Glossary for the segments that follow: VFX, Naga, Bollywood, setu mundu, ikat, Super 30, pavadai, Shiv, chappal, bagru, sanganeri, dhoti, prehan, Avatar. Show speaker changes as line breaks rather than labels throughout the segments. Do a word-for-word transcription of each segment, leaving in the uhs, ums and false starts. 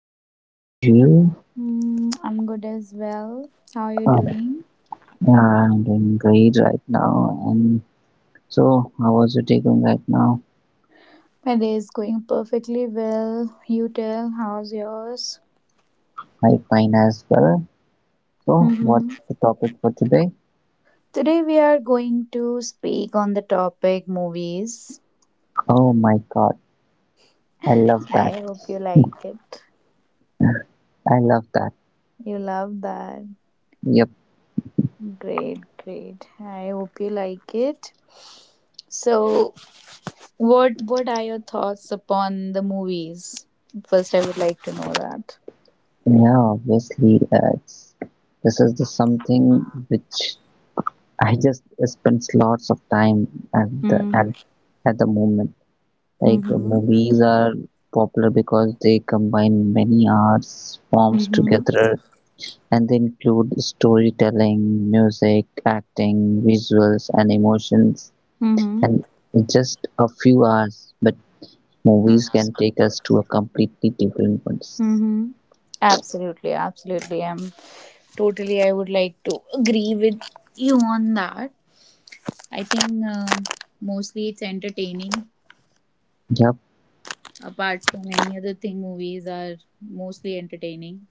and what about you?
Mm, I'm good as well. How are you
Oh,
doing?
yeah, I'm doing great right now. And so, how was your day going right now?
My day is going perfectly well. You tell, how's yours?
I fine as well. So,
Mm-hmm.
what's the topic for today?
Today we are going to speak on the topic movies.
Oh my God, I love that.
I hope you like it.
I love that.
You love that.
Yep.
Great, great. I hope you like it. So, what what are your thoughts upon the movies? First, I would like to know that.
Yeah, obviously, uh, it's, this is the something which I just spends lots of time at the
Mm-hmm.
at at the moment. Like the
Mm-hmm.
movies are popular because they combine many arts forms
Mm-hmm.
together and they include storytelling, music, acting, visuals and emotions
Mm-hmm.
and in just a few hours but movies can take us to a completely different place.
Mm-hmm. Absolutely, absolutely. I'm totally, I would like to agree with you on that. I think um mostly it's entertaining.
Yep,
Apart from any other thing, movies are mostly entertaining.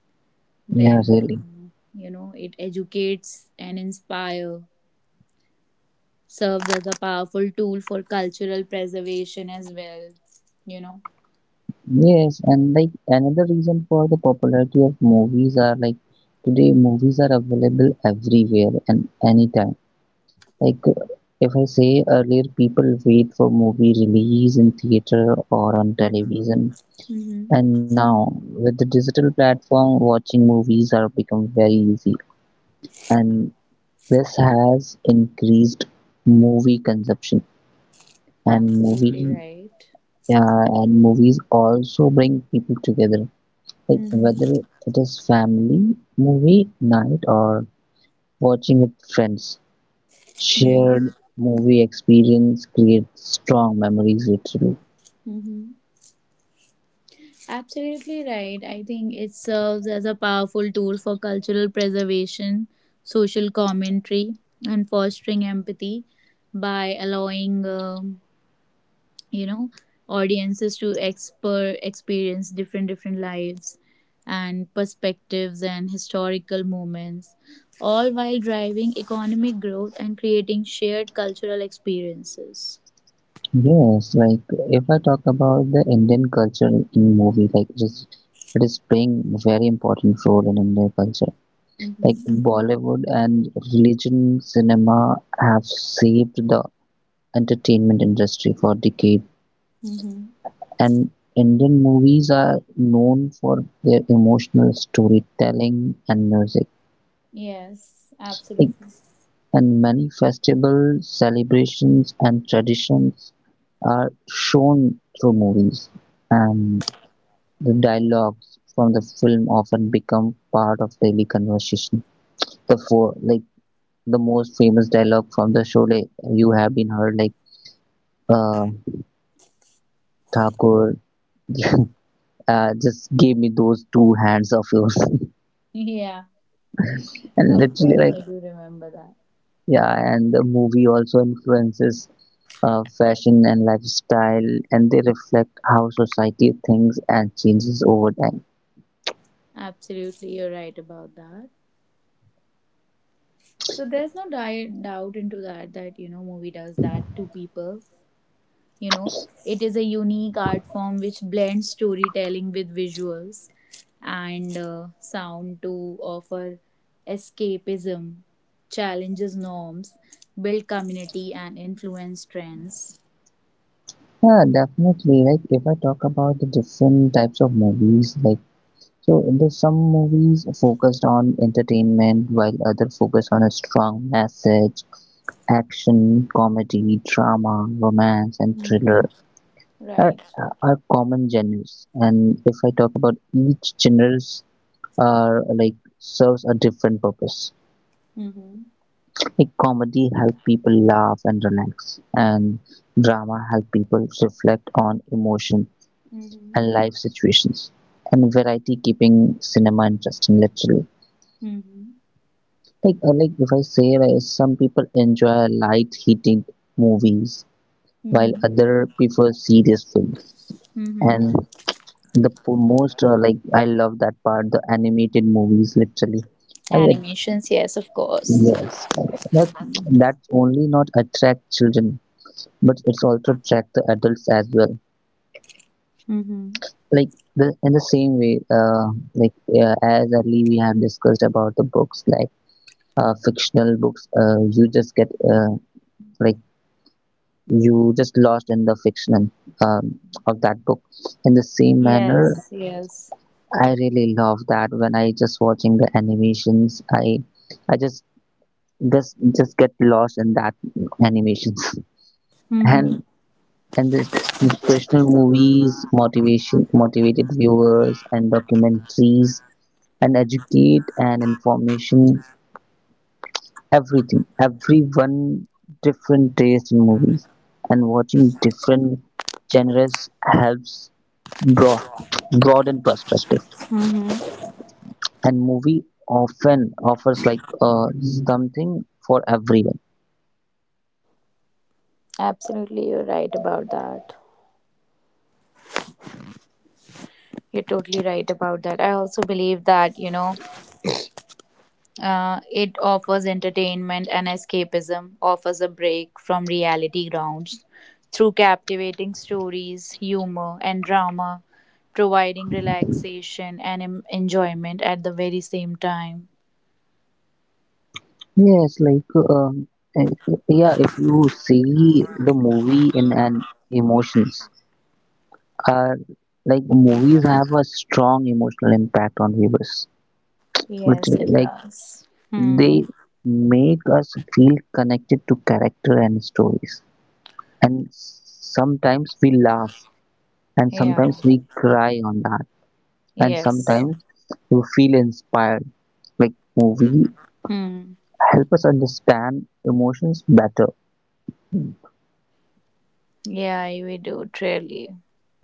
yeah,
Then,
really.
um, you know, it educates and inspire, serves as a powerful tool for cultural preservation as well, you know.
Yes, and like another reason for the popularity of movies are like today movies are available everywhere and anytime like if I say earlier, people wait for movie release in theater or on
Mm-hmm.
television,
Mm-hmm.
and now with the digital platform, watching movies are become very easy, and this has increased movie consumption and
Absolutely
movie
right.
yeah, and movies also bring people together. Like
Mm-hmm.
whether it is family movie night or watching with friends, shared movie experience creates strong memories literally.
Hmm. Absolutely right. I think it serves as a powerful tool for cultural preservation, social commentary, and fostering empathy by allowing, um, you know, audiences to exper- experience different different lives and perspectives and historical moments, all while driving economic growth and creating shared cultural experiences.
Yes, like if I talk about the Indian culture in movie, like it is, it is playing very important role in Indian culture. Like
Mm-hmm.
Bollywood and religion cinema have shaped the entertainment industry for decades,
Mm-hmm.
and Indian movies are known for their emotional storytelling and music.
Yes,
Like,
absolutely.
and many festivals, celebrations and traditions are shown through movies, and the dialogues from the film often become part of daily conversation. The four, like the most famous dialogue from the show, like you have been heard, like uh, Thakur, uh, just give me those two hands of yours,
Yeah.
and
Of
literally
course,
like
I do remember that.
yeah, and the movie also influences uh, fashion and lifestyle, and they reflect how society thinks and changes over time.
Absolutely, you're right about that. So there's no di- doubt into that that you know movie does that to people. You know, it is a unique art form which blends storytelling with visuals and uh, sound to offer escapism, challenges norms, build community, and influence trends.
Yeah, definitely. Like if I talk about the different types of movies, like so there's some movies focused on entertainment, while other focus on a strong message, action, comedy, drama, romance, and
Mm.
thriller. Are,
Right.
are common genres and if I talk about each genres are like serves a different purpose.
Mm-hmm.
A comedy helps people laugh and relax, and drama helps people reflect on emotion and
Mm-hmm.
life situations, and variety keeping cinema interesting literally.
Mm-hmm.
Like uh, like if I say uh, some people enjoy light heated movies while
Mm-hmm.
other prefer serious films,
Mm-hmm.
and the po- most uh, like I love that part the animated movies literally. I ad-
Animations, yes, of course.
yes, that that's only not attract children but it's also track the adults as well.
Mm-hmm.
Like the in the same way uh, like uh, as early we have discussed about the books like uh, fictional books uh, you just get uh, like you just lost in the fiction um, of that book in the same
Yes,
manner.
yes.
I really love that when I just watching the animations i i just just just get lost in that animations. and
Mm-hmm.
And this inspirational movies motivation motivated viewers and documentaries and educate and information everything everyone different taste in movies and watching different genres helps broad, broaden perspective
Mm-hmm.
and movie often offers like uh, something for everyone.
Absolutely, you're right about that. You're totally right about that. I also believe that, you know, uh, it offers entertainment and escapism, offers a break from reality grounds through captivating stories, humor, and drama, providing relaxation and em- enjoyment at the very same time.
Yes like um, eh, yeah if you see the movie in an emotions uh, like movies have a strong emotional impact on viewers.
Yes,
Literally,
it
like
does. Hmm.
they make us feel connected to character and stories. And sometimes we laugh, and sometimes
Yeah.
we cry on that, and
Yes.
sometimes you feel inspired. Like movie
Hmm.
help us understand emotions better.
Yeah, we do truly.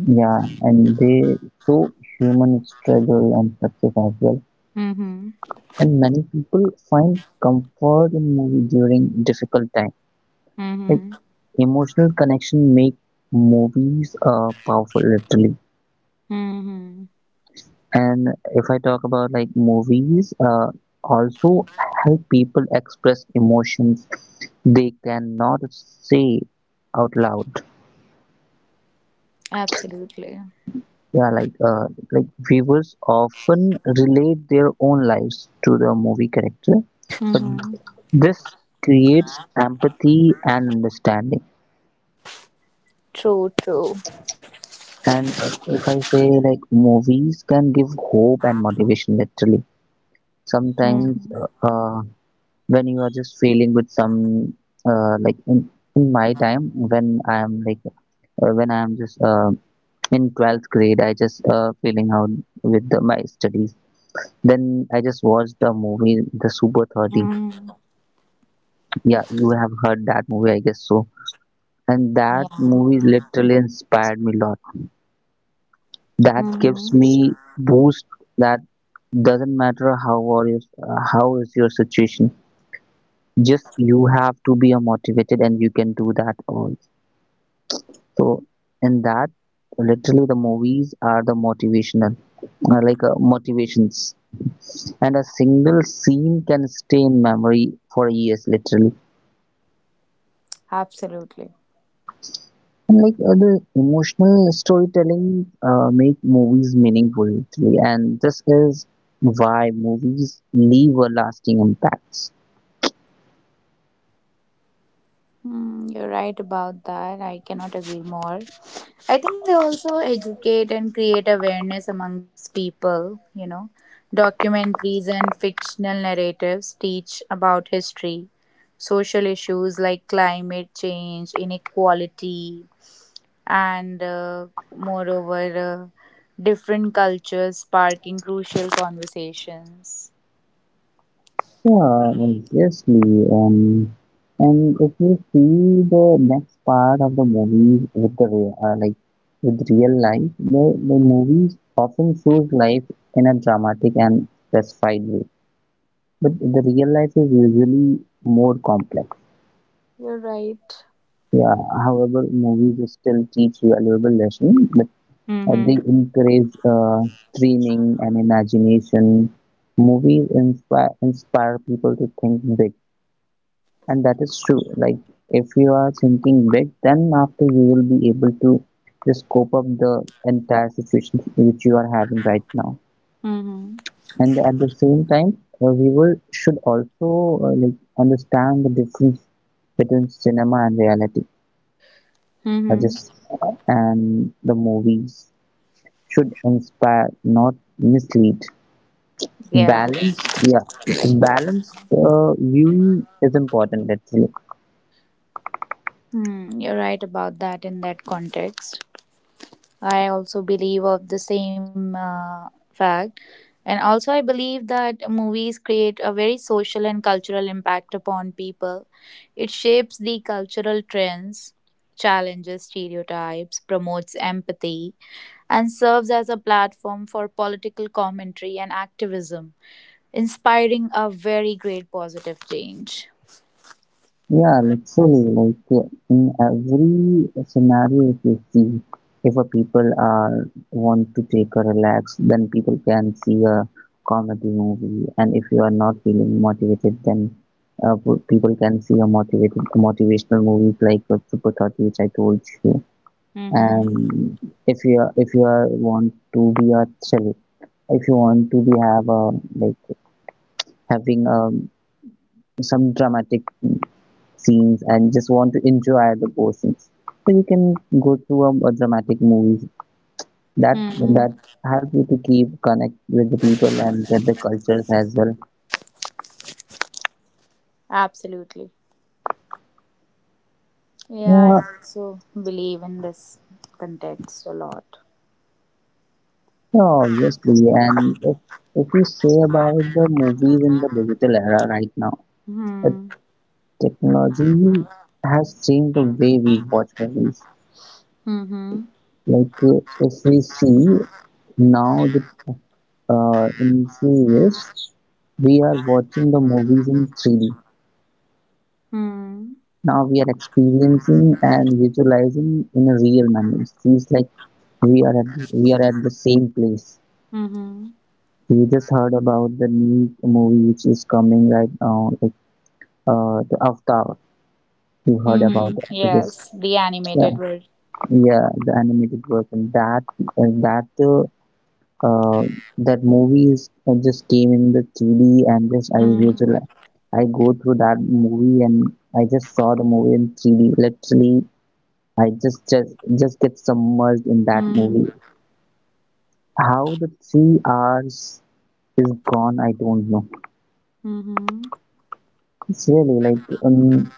Yeah, and they show human struggle and success as well.
Mm-hmm.
And many people find comfort in movie during difficult time. Like
Mm-hmm.
emotional connection make movies uh, powerful literally.
Mm-hmm.
And if I talk about like movies, uh, also help people express emotions they cannot say out loud.
Absolutely.
Yeah, like uh, like viewers often relate their own lives to the movie character, but
Mm-hmm.
this creates empathy and understanding.
True, true.
And uh, if I say like movies can give hope and motivation, literally.
Mm-hmm.
Sometimes uh, uh, when you are just feeling with some uh, like in, in my time when I am like uh, when I am just uh, in twelfth grade, I just uh, feeling out with the, my studies. Then I just watched the movie The Super thirty.
Mm-hmm.
Yeah, you have heard that movie, I guess so. And that
Yeah.
movie literally inspired me a lot, that gives
Mm-hmm.
me boost, that doesn't matter how or is uh, how is your situation, just you have to be a motivated and you can do that all. So in that literally the movies are the motivational uh, like uh, motivations, and a single scene can stay in memory for years literally.
Absolutely.
And like uh, the emotional storytelling uh, make movies meaningful, actually, and this is why movies leave a lasting impacts.
Mm, you're right about that. I cannot agree more. I think they also educate and create awareness amongst people, you know. Documentaries and fictional narratives teach about history, social issues like climate change, inequality, and uh, moreover, uh, different cultures sparking crucial conversations.
Yeah, obviously. Um, and if you see the next part of the movie with the real, uh, like with real life, the, the movies often shows life in a dramatic and specified way. But the real life is usually more complex.
You're right.
Yeah, however, movies still teach valuable lessons, but uh, they
Mm-hmm.
encourage uh, dreaming and imagination. Movies inspire inspire people to think big, and that is true. Like if you are thinking big, then after you will be able to just cope up the entire situation which you are having right now.
Mm-hmm.
And at the same time, uh, we will should also uh, like understand the difference between cinema and reality
Mm-hmm.
suggests, and the movies should inspire, not mislead.
Yeah.
Balanced, yeah, balanced uh, viewing is important actually.
Mm, you're right about that in that context. I also believe of the same uh, fact. And also, I believe that movies create a very social and cultural impact upon people. It shapes the cultural trends, challenges stereotypes, promotes empathy, and serves as a platform for political commentary and activism, inspiring a very great positive change.
Yeah, literally, like uh, in every scenario, if you see, if a people are want to take a relax, then people can see a comedy movie, and if you are not feeling motivated, then uh, p- people can see a motivated motivational movies like uh, Super thirty, which I told you. And
Mm-hmm.
if you are if you are want to be a thrill, if you want to be have a like having um some dramatic scenes and just want to enjoy the portions, so you can go to a, a dramatic movies that
Mm-hmm.
that help you to keep connect with the people and with the cultures as well.
Absolutely. Yeah,
Yeah,
I also believe in this context a lot.
yeah obviously, and if if we say about the movies in the digital era right now, the
Hmm.
technology has changed the way we watch movies.
Hmm.
Like uh, if we see now the, uh, in few years, we are watching the movies in three D.
Hmm.
Now we are experiencing and visualizing in a real manner. It feels like we are at, we are at the same place.
Hmm.
We just heard about the new movie which is coming right now, like uh, the Avatar. You heard about
Hmm.
it, I guess.
Yes, the
Yeah,
animated version.
yeah, the animated version. That uh, that uh, uh, that movies uh, just came in the three D, and just I
Hmm.
usually I go through that movie, and I just saw the movie in three D. Literally, I just just just get submerged in that
Hmm.
movie. How the three hours is gone, I don't know.
Hmm.
It's really like um,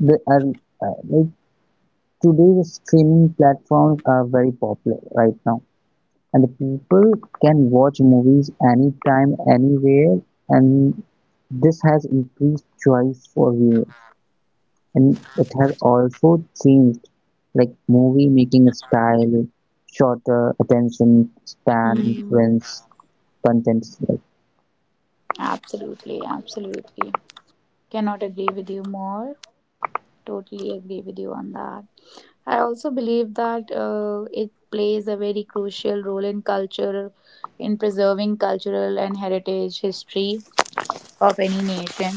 the uh, uh, like today the streaming platforms are very popular right now, and the people can watch movies anytime, anywhere, and this has increased choice for viewers. And it has also changed like movie making style, shorter attention span,
Hmm.
influence content. Like
Absolutely, absolutely. Cannot agree with you more. Totally agree with you on that. I also believe that uh, it plays a very crucial role in culture, in preserving cultural and heritage history of any nation.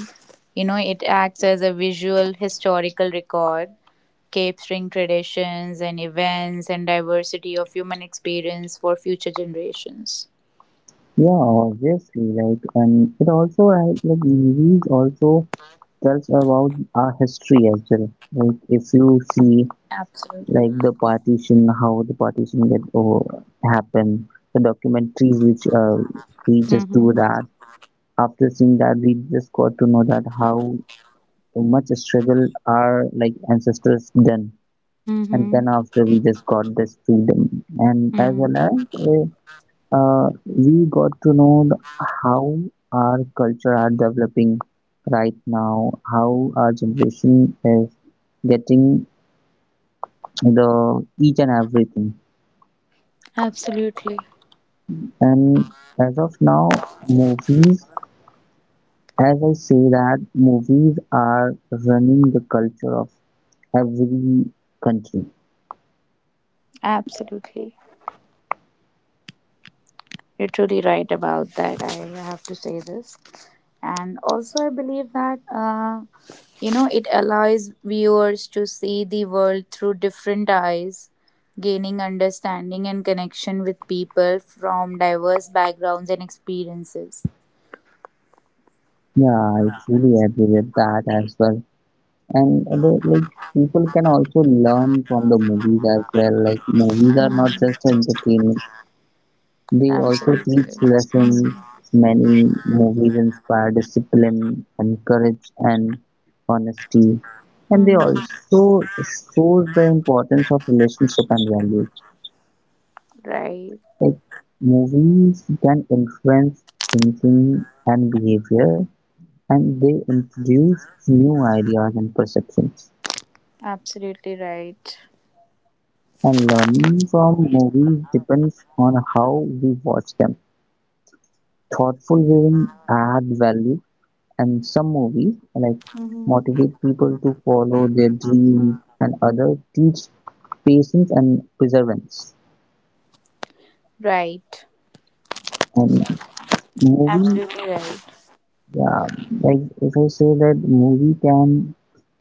You know, it acts as a visual historical record capturing traditions and events and diversity of human experience for future generations.
yeah, obviously, like and it also has- like movies also tells about our history as well. Like if you see
Absolutely.
like the partition, how the partition get oh, happen, the documentaries which uh, we just
Mm-hmm.
do that. After seeing that, we just got to know that how much struggle our like ancestors done, and
Mm-hmm.
then after we just got this freedom, and as
Mm.
well as uh, uh, we got to know the, how our culture are developing right now, how our generation is getting the each and everything.
Absolutely.
And as of now, movies, as I say that movies are running the culture of every country.
Absolutely. You're truly right about that. I have to say this. And also, I believe that, uh, you know, it allows viewers to see the world through different eyes, gaining understanding and connection with people from diverse backgrounds and experiences.
Yeah, I truly agree with that as well. And the, like People can also learn from the movies as well. Like movies are not just entertainment. They also
Absolutely.
teach lessons. Many movies inspire discipline and courage and honesty, and
Hmm.
they also shows the importance of relationship and values.
Right.
Like movies can influence thinking and behavior, and they introduce new ideas and perceptions,
Absolutely right.
and learning from movies depends on how we watch them. Thoughtful viewing adds value, and some movies like
Mm-hmm.
motivate people to follow their dreams and others teach patience and perseverance.
Right.
And movie
Absolutely right.
yeah, like if I say that movie can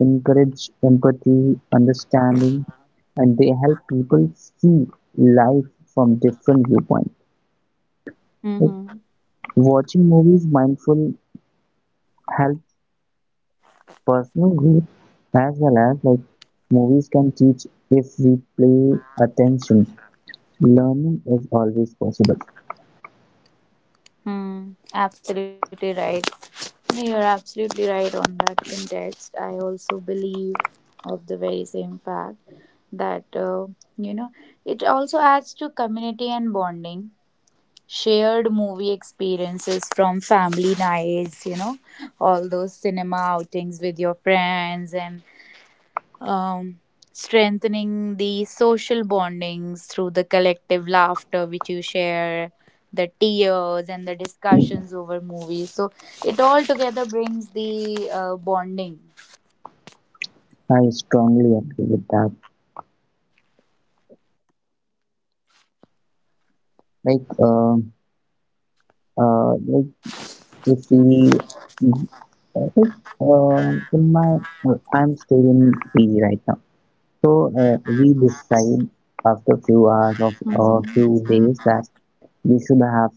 encourage empathy, understanding, and they help people see life from different viewpoints. Like
Mm-hmm.
watching movies mindful helps personal growth, as well as like movies can teach if we pay attention. Learning is always possible.
Hmm. Absolutely right. No, you're absolutely right on that context. I also believe of the very same fact that uh, you know, it also adds to community and bonding. Shared movie experiences from family nights, you know, all those cinema outings with your friends and um, strengthening the social bondings through the collective laughter which you share the tears and the discussions over movies, so it all together brings the uh, bonding.
I strongly agree with that. Like, uh, uh, like if we, like, uh, in my, uh, I'm still in P G right now. So uh, we decide after few hours of
Mhm.
or few days that we should have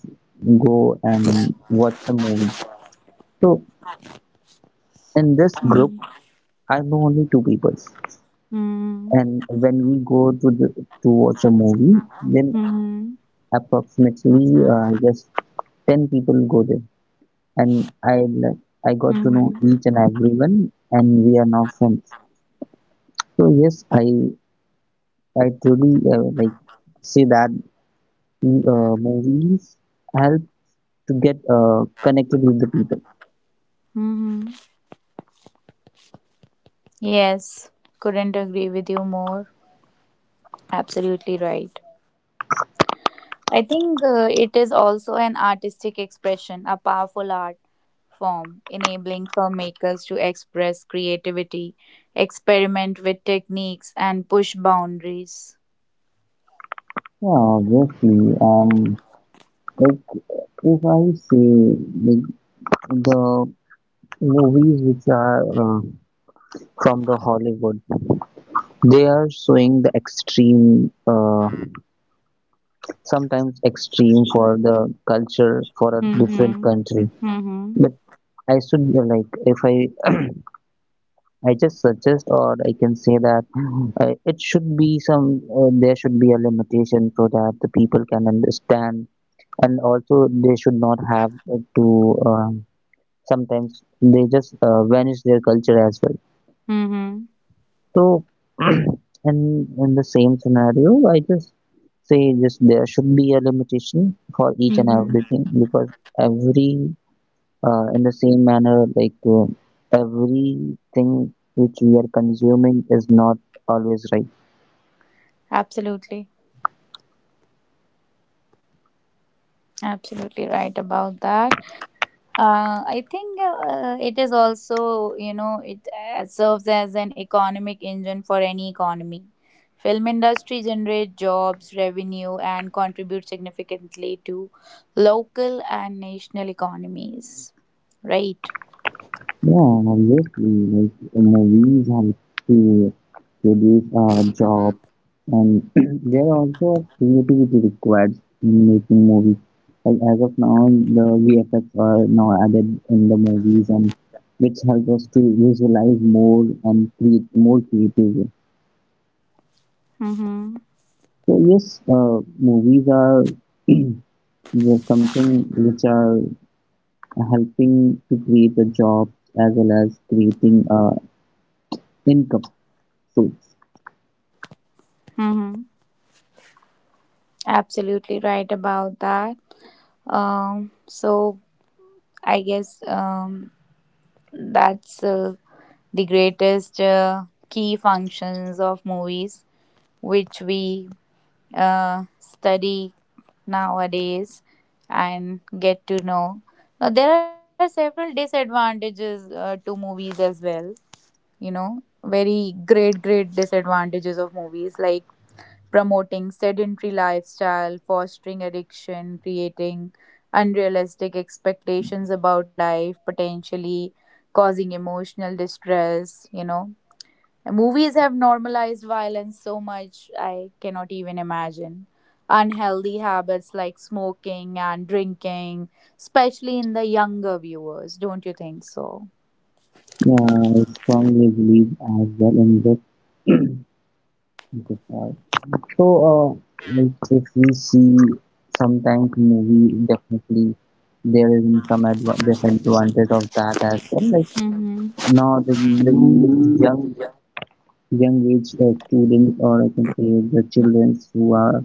go and watch some movies. So in this group,
Mhm.
I know only two people,
Mhm.
and when we go to the, to watch a movie, then
Mhm.
approximately uh, I guess ten people go there and i l- i got to know
Mhm.
each and everyone, and we are now friends. So yes, i i truly uh, like say that uh, movies help to get uh, connected with the people.
Mhm. Yes, couldn't agree with you more. Absolutely right. I think uh, it is also an artistic expression, a powerful art form, enabling filmmakers to express creativity, experiment with techniques, and push boundaries.
Yeah, obviously. um like if I say, like, the movies which are uh, from the Hollywood, they are showing the extreme uh, sometimes extreme for the culture for a different
Mm-hmm.
country.
Mm-hmm.
But I should, uh, like if i i just suggest, or I can say that uh, it should be some, uh, there should be a limitation so that the people can understand. And also they should not have, uh, to, um, sometimes they just uh, vanish their culture as well.
Mm-hmm.
So and in the same scenario, I just say, just there should be a limitation for each and
Mm-hmm.
everything, because every— Uh, in the same manner, like uh, everything which we are consuming is not always right.
Absolutely. Absolutely right about that. Uh, I think uh, it is also, you know, it uh, serves as an economic engine for any economy. Film industry generate jobs, revenue, and contribute significantly to local and national economies. Right.
Yeah, and obviously, like, movies help to produce our job, and there are also creativity required in making movies. Like as of now, the V F X are now added in the movies, and which help us to visualize more and create more creatively.
Mm-hmm.
So yes, uh, movies are these are something which are helping to create a job as well as creating a income source.
Mm-hmm. Absolutely right about that. Um, so I guess um, that's uh, the greatest uh, key functions of movies, which we uh, study nowadays and get to know. Now, there are several disadvantages uh, to movies as well, you know, very great, great disadvantages of movies like promoting sedentary lifestyle, fostering addiction, creating unrealistic expectations about life, potentially causing emotional distress, you know, movies have normalized violence so much, I cannot even imagine. Unhealthy habits like smoking and drinking, especially in the younger viewers, don't you think so?
Yeah, I strongly believe as well in this. So, uh, if if we see sometimes movie, definitely there is some adva- disadvantage of that as well. Like
Mm-hmm.
now the new young young age uh, students, or I can say the children, who are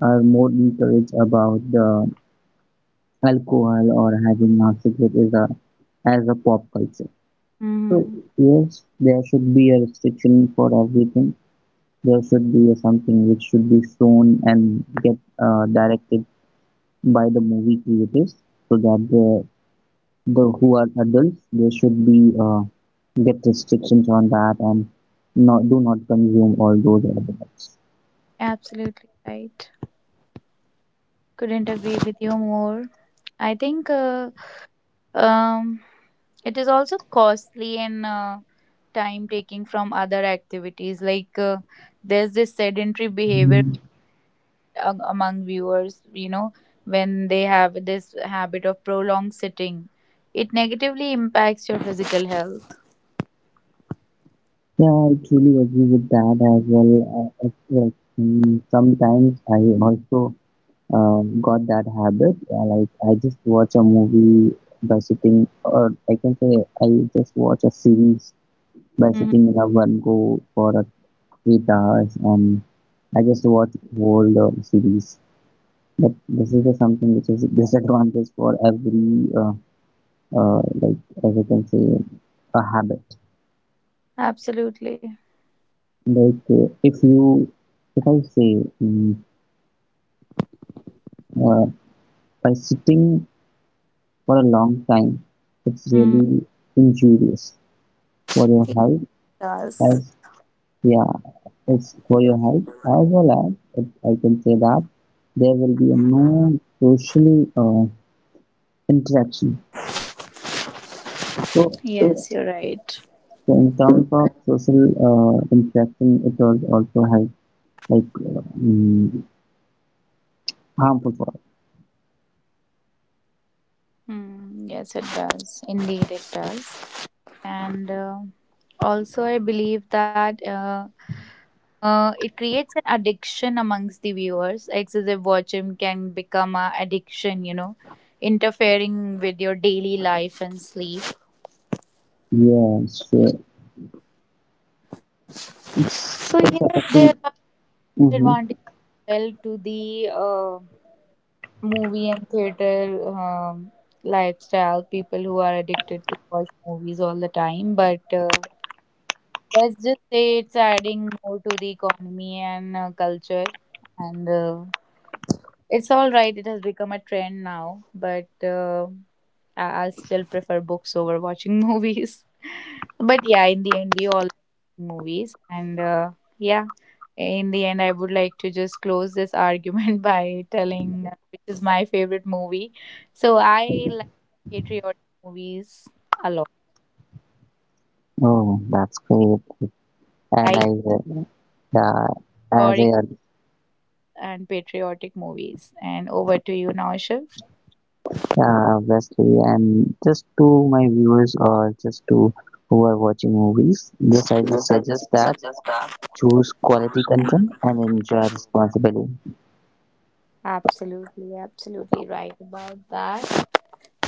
are more encouraged about the alcohol, or having a cigarette is a— as a pop culture. So
Mm-hmm.
yes, there should be a restriction for everything. There should be a something which should be shown and get uh, directed by the movie creators, so that the the who are adults, they should be, uh, get restrictions on that and not— do not consume all those elements.
Absolutely right. Couldn't agree with you more. I think uh, um, it is also costly and uh, time taking from other activities. Like uh, there's this sedentary behavior a- among viewers, you know, when they have this habit of prolonged sitting. It negatively impacts your physical health.
Yeah, I truly agree with that as well. Uh, it's like, mm, sometimes I also um, got that habit. Uh, like, I just watch a movie by sitting, or I can say I just watch a series by
Mhm.
sitting in a one go for a eight hours, and I just watch whole uh, series. But this is just something which is disadvantage for every uh, uh, like as I can say, a habit.
Absolutely.
Like, uh, if you— if I say, um, uh, by sitting for a long time, it's
Mm.
really injurious for your
It
help.
does.
As— yeah, it's for your help, as well as, if I can say, that there will be a no social uh, interaction. so
Yes, yes, you're right.
so in terms of social uh, interaction, it will also help, like, uh, mm, harmful for us.
Mm, yes, it does. Indeed, it does. And uh, also, I believe that uh, uh, it creates an addiction amongst the viewers. Excessive watching can become an addiction, you know, interfering with your daily life and sleep.
Yes, sure.
So
It's— it's
yes, there are
affecting. Mm-hmm.
advantages well to the uh, movie and theater um, lifestyle. People who are addicted to watch movies all the time, but uh, let's just say it's adding more to the economy and uh, culture, and uh, it's all right, it has become a trend now, but uh, I- I'll still prefer books over watching movies. But yeah, in the end, we all like movies, and uh, yeah, in the end, I would like to just close this argument by telling uh, which is my favorite movie. So I like patriotic movies a lot,
Oh, that's great. And
like
I, uh, yeah, as
historic
I—
and patriotic movies. And over to you now, Shiv.
yeah, obviously. And just to my viewers, or just to who are watching movies, just— I just suggest that choose quality content and enjoy responsibly.
Absolutely, absolutely right about that.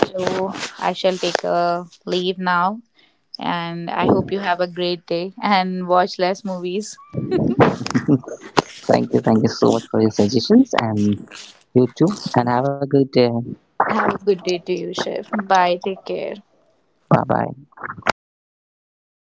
So I shall take a leave now. And I hope you have a great day and watch less movies.
Thank you, thank you so much for your suggestions. And you too. And have a good day.
Have a good day to you, Shiv. Bye. Take care.
Bye bye.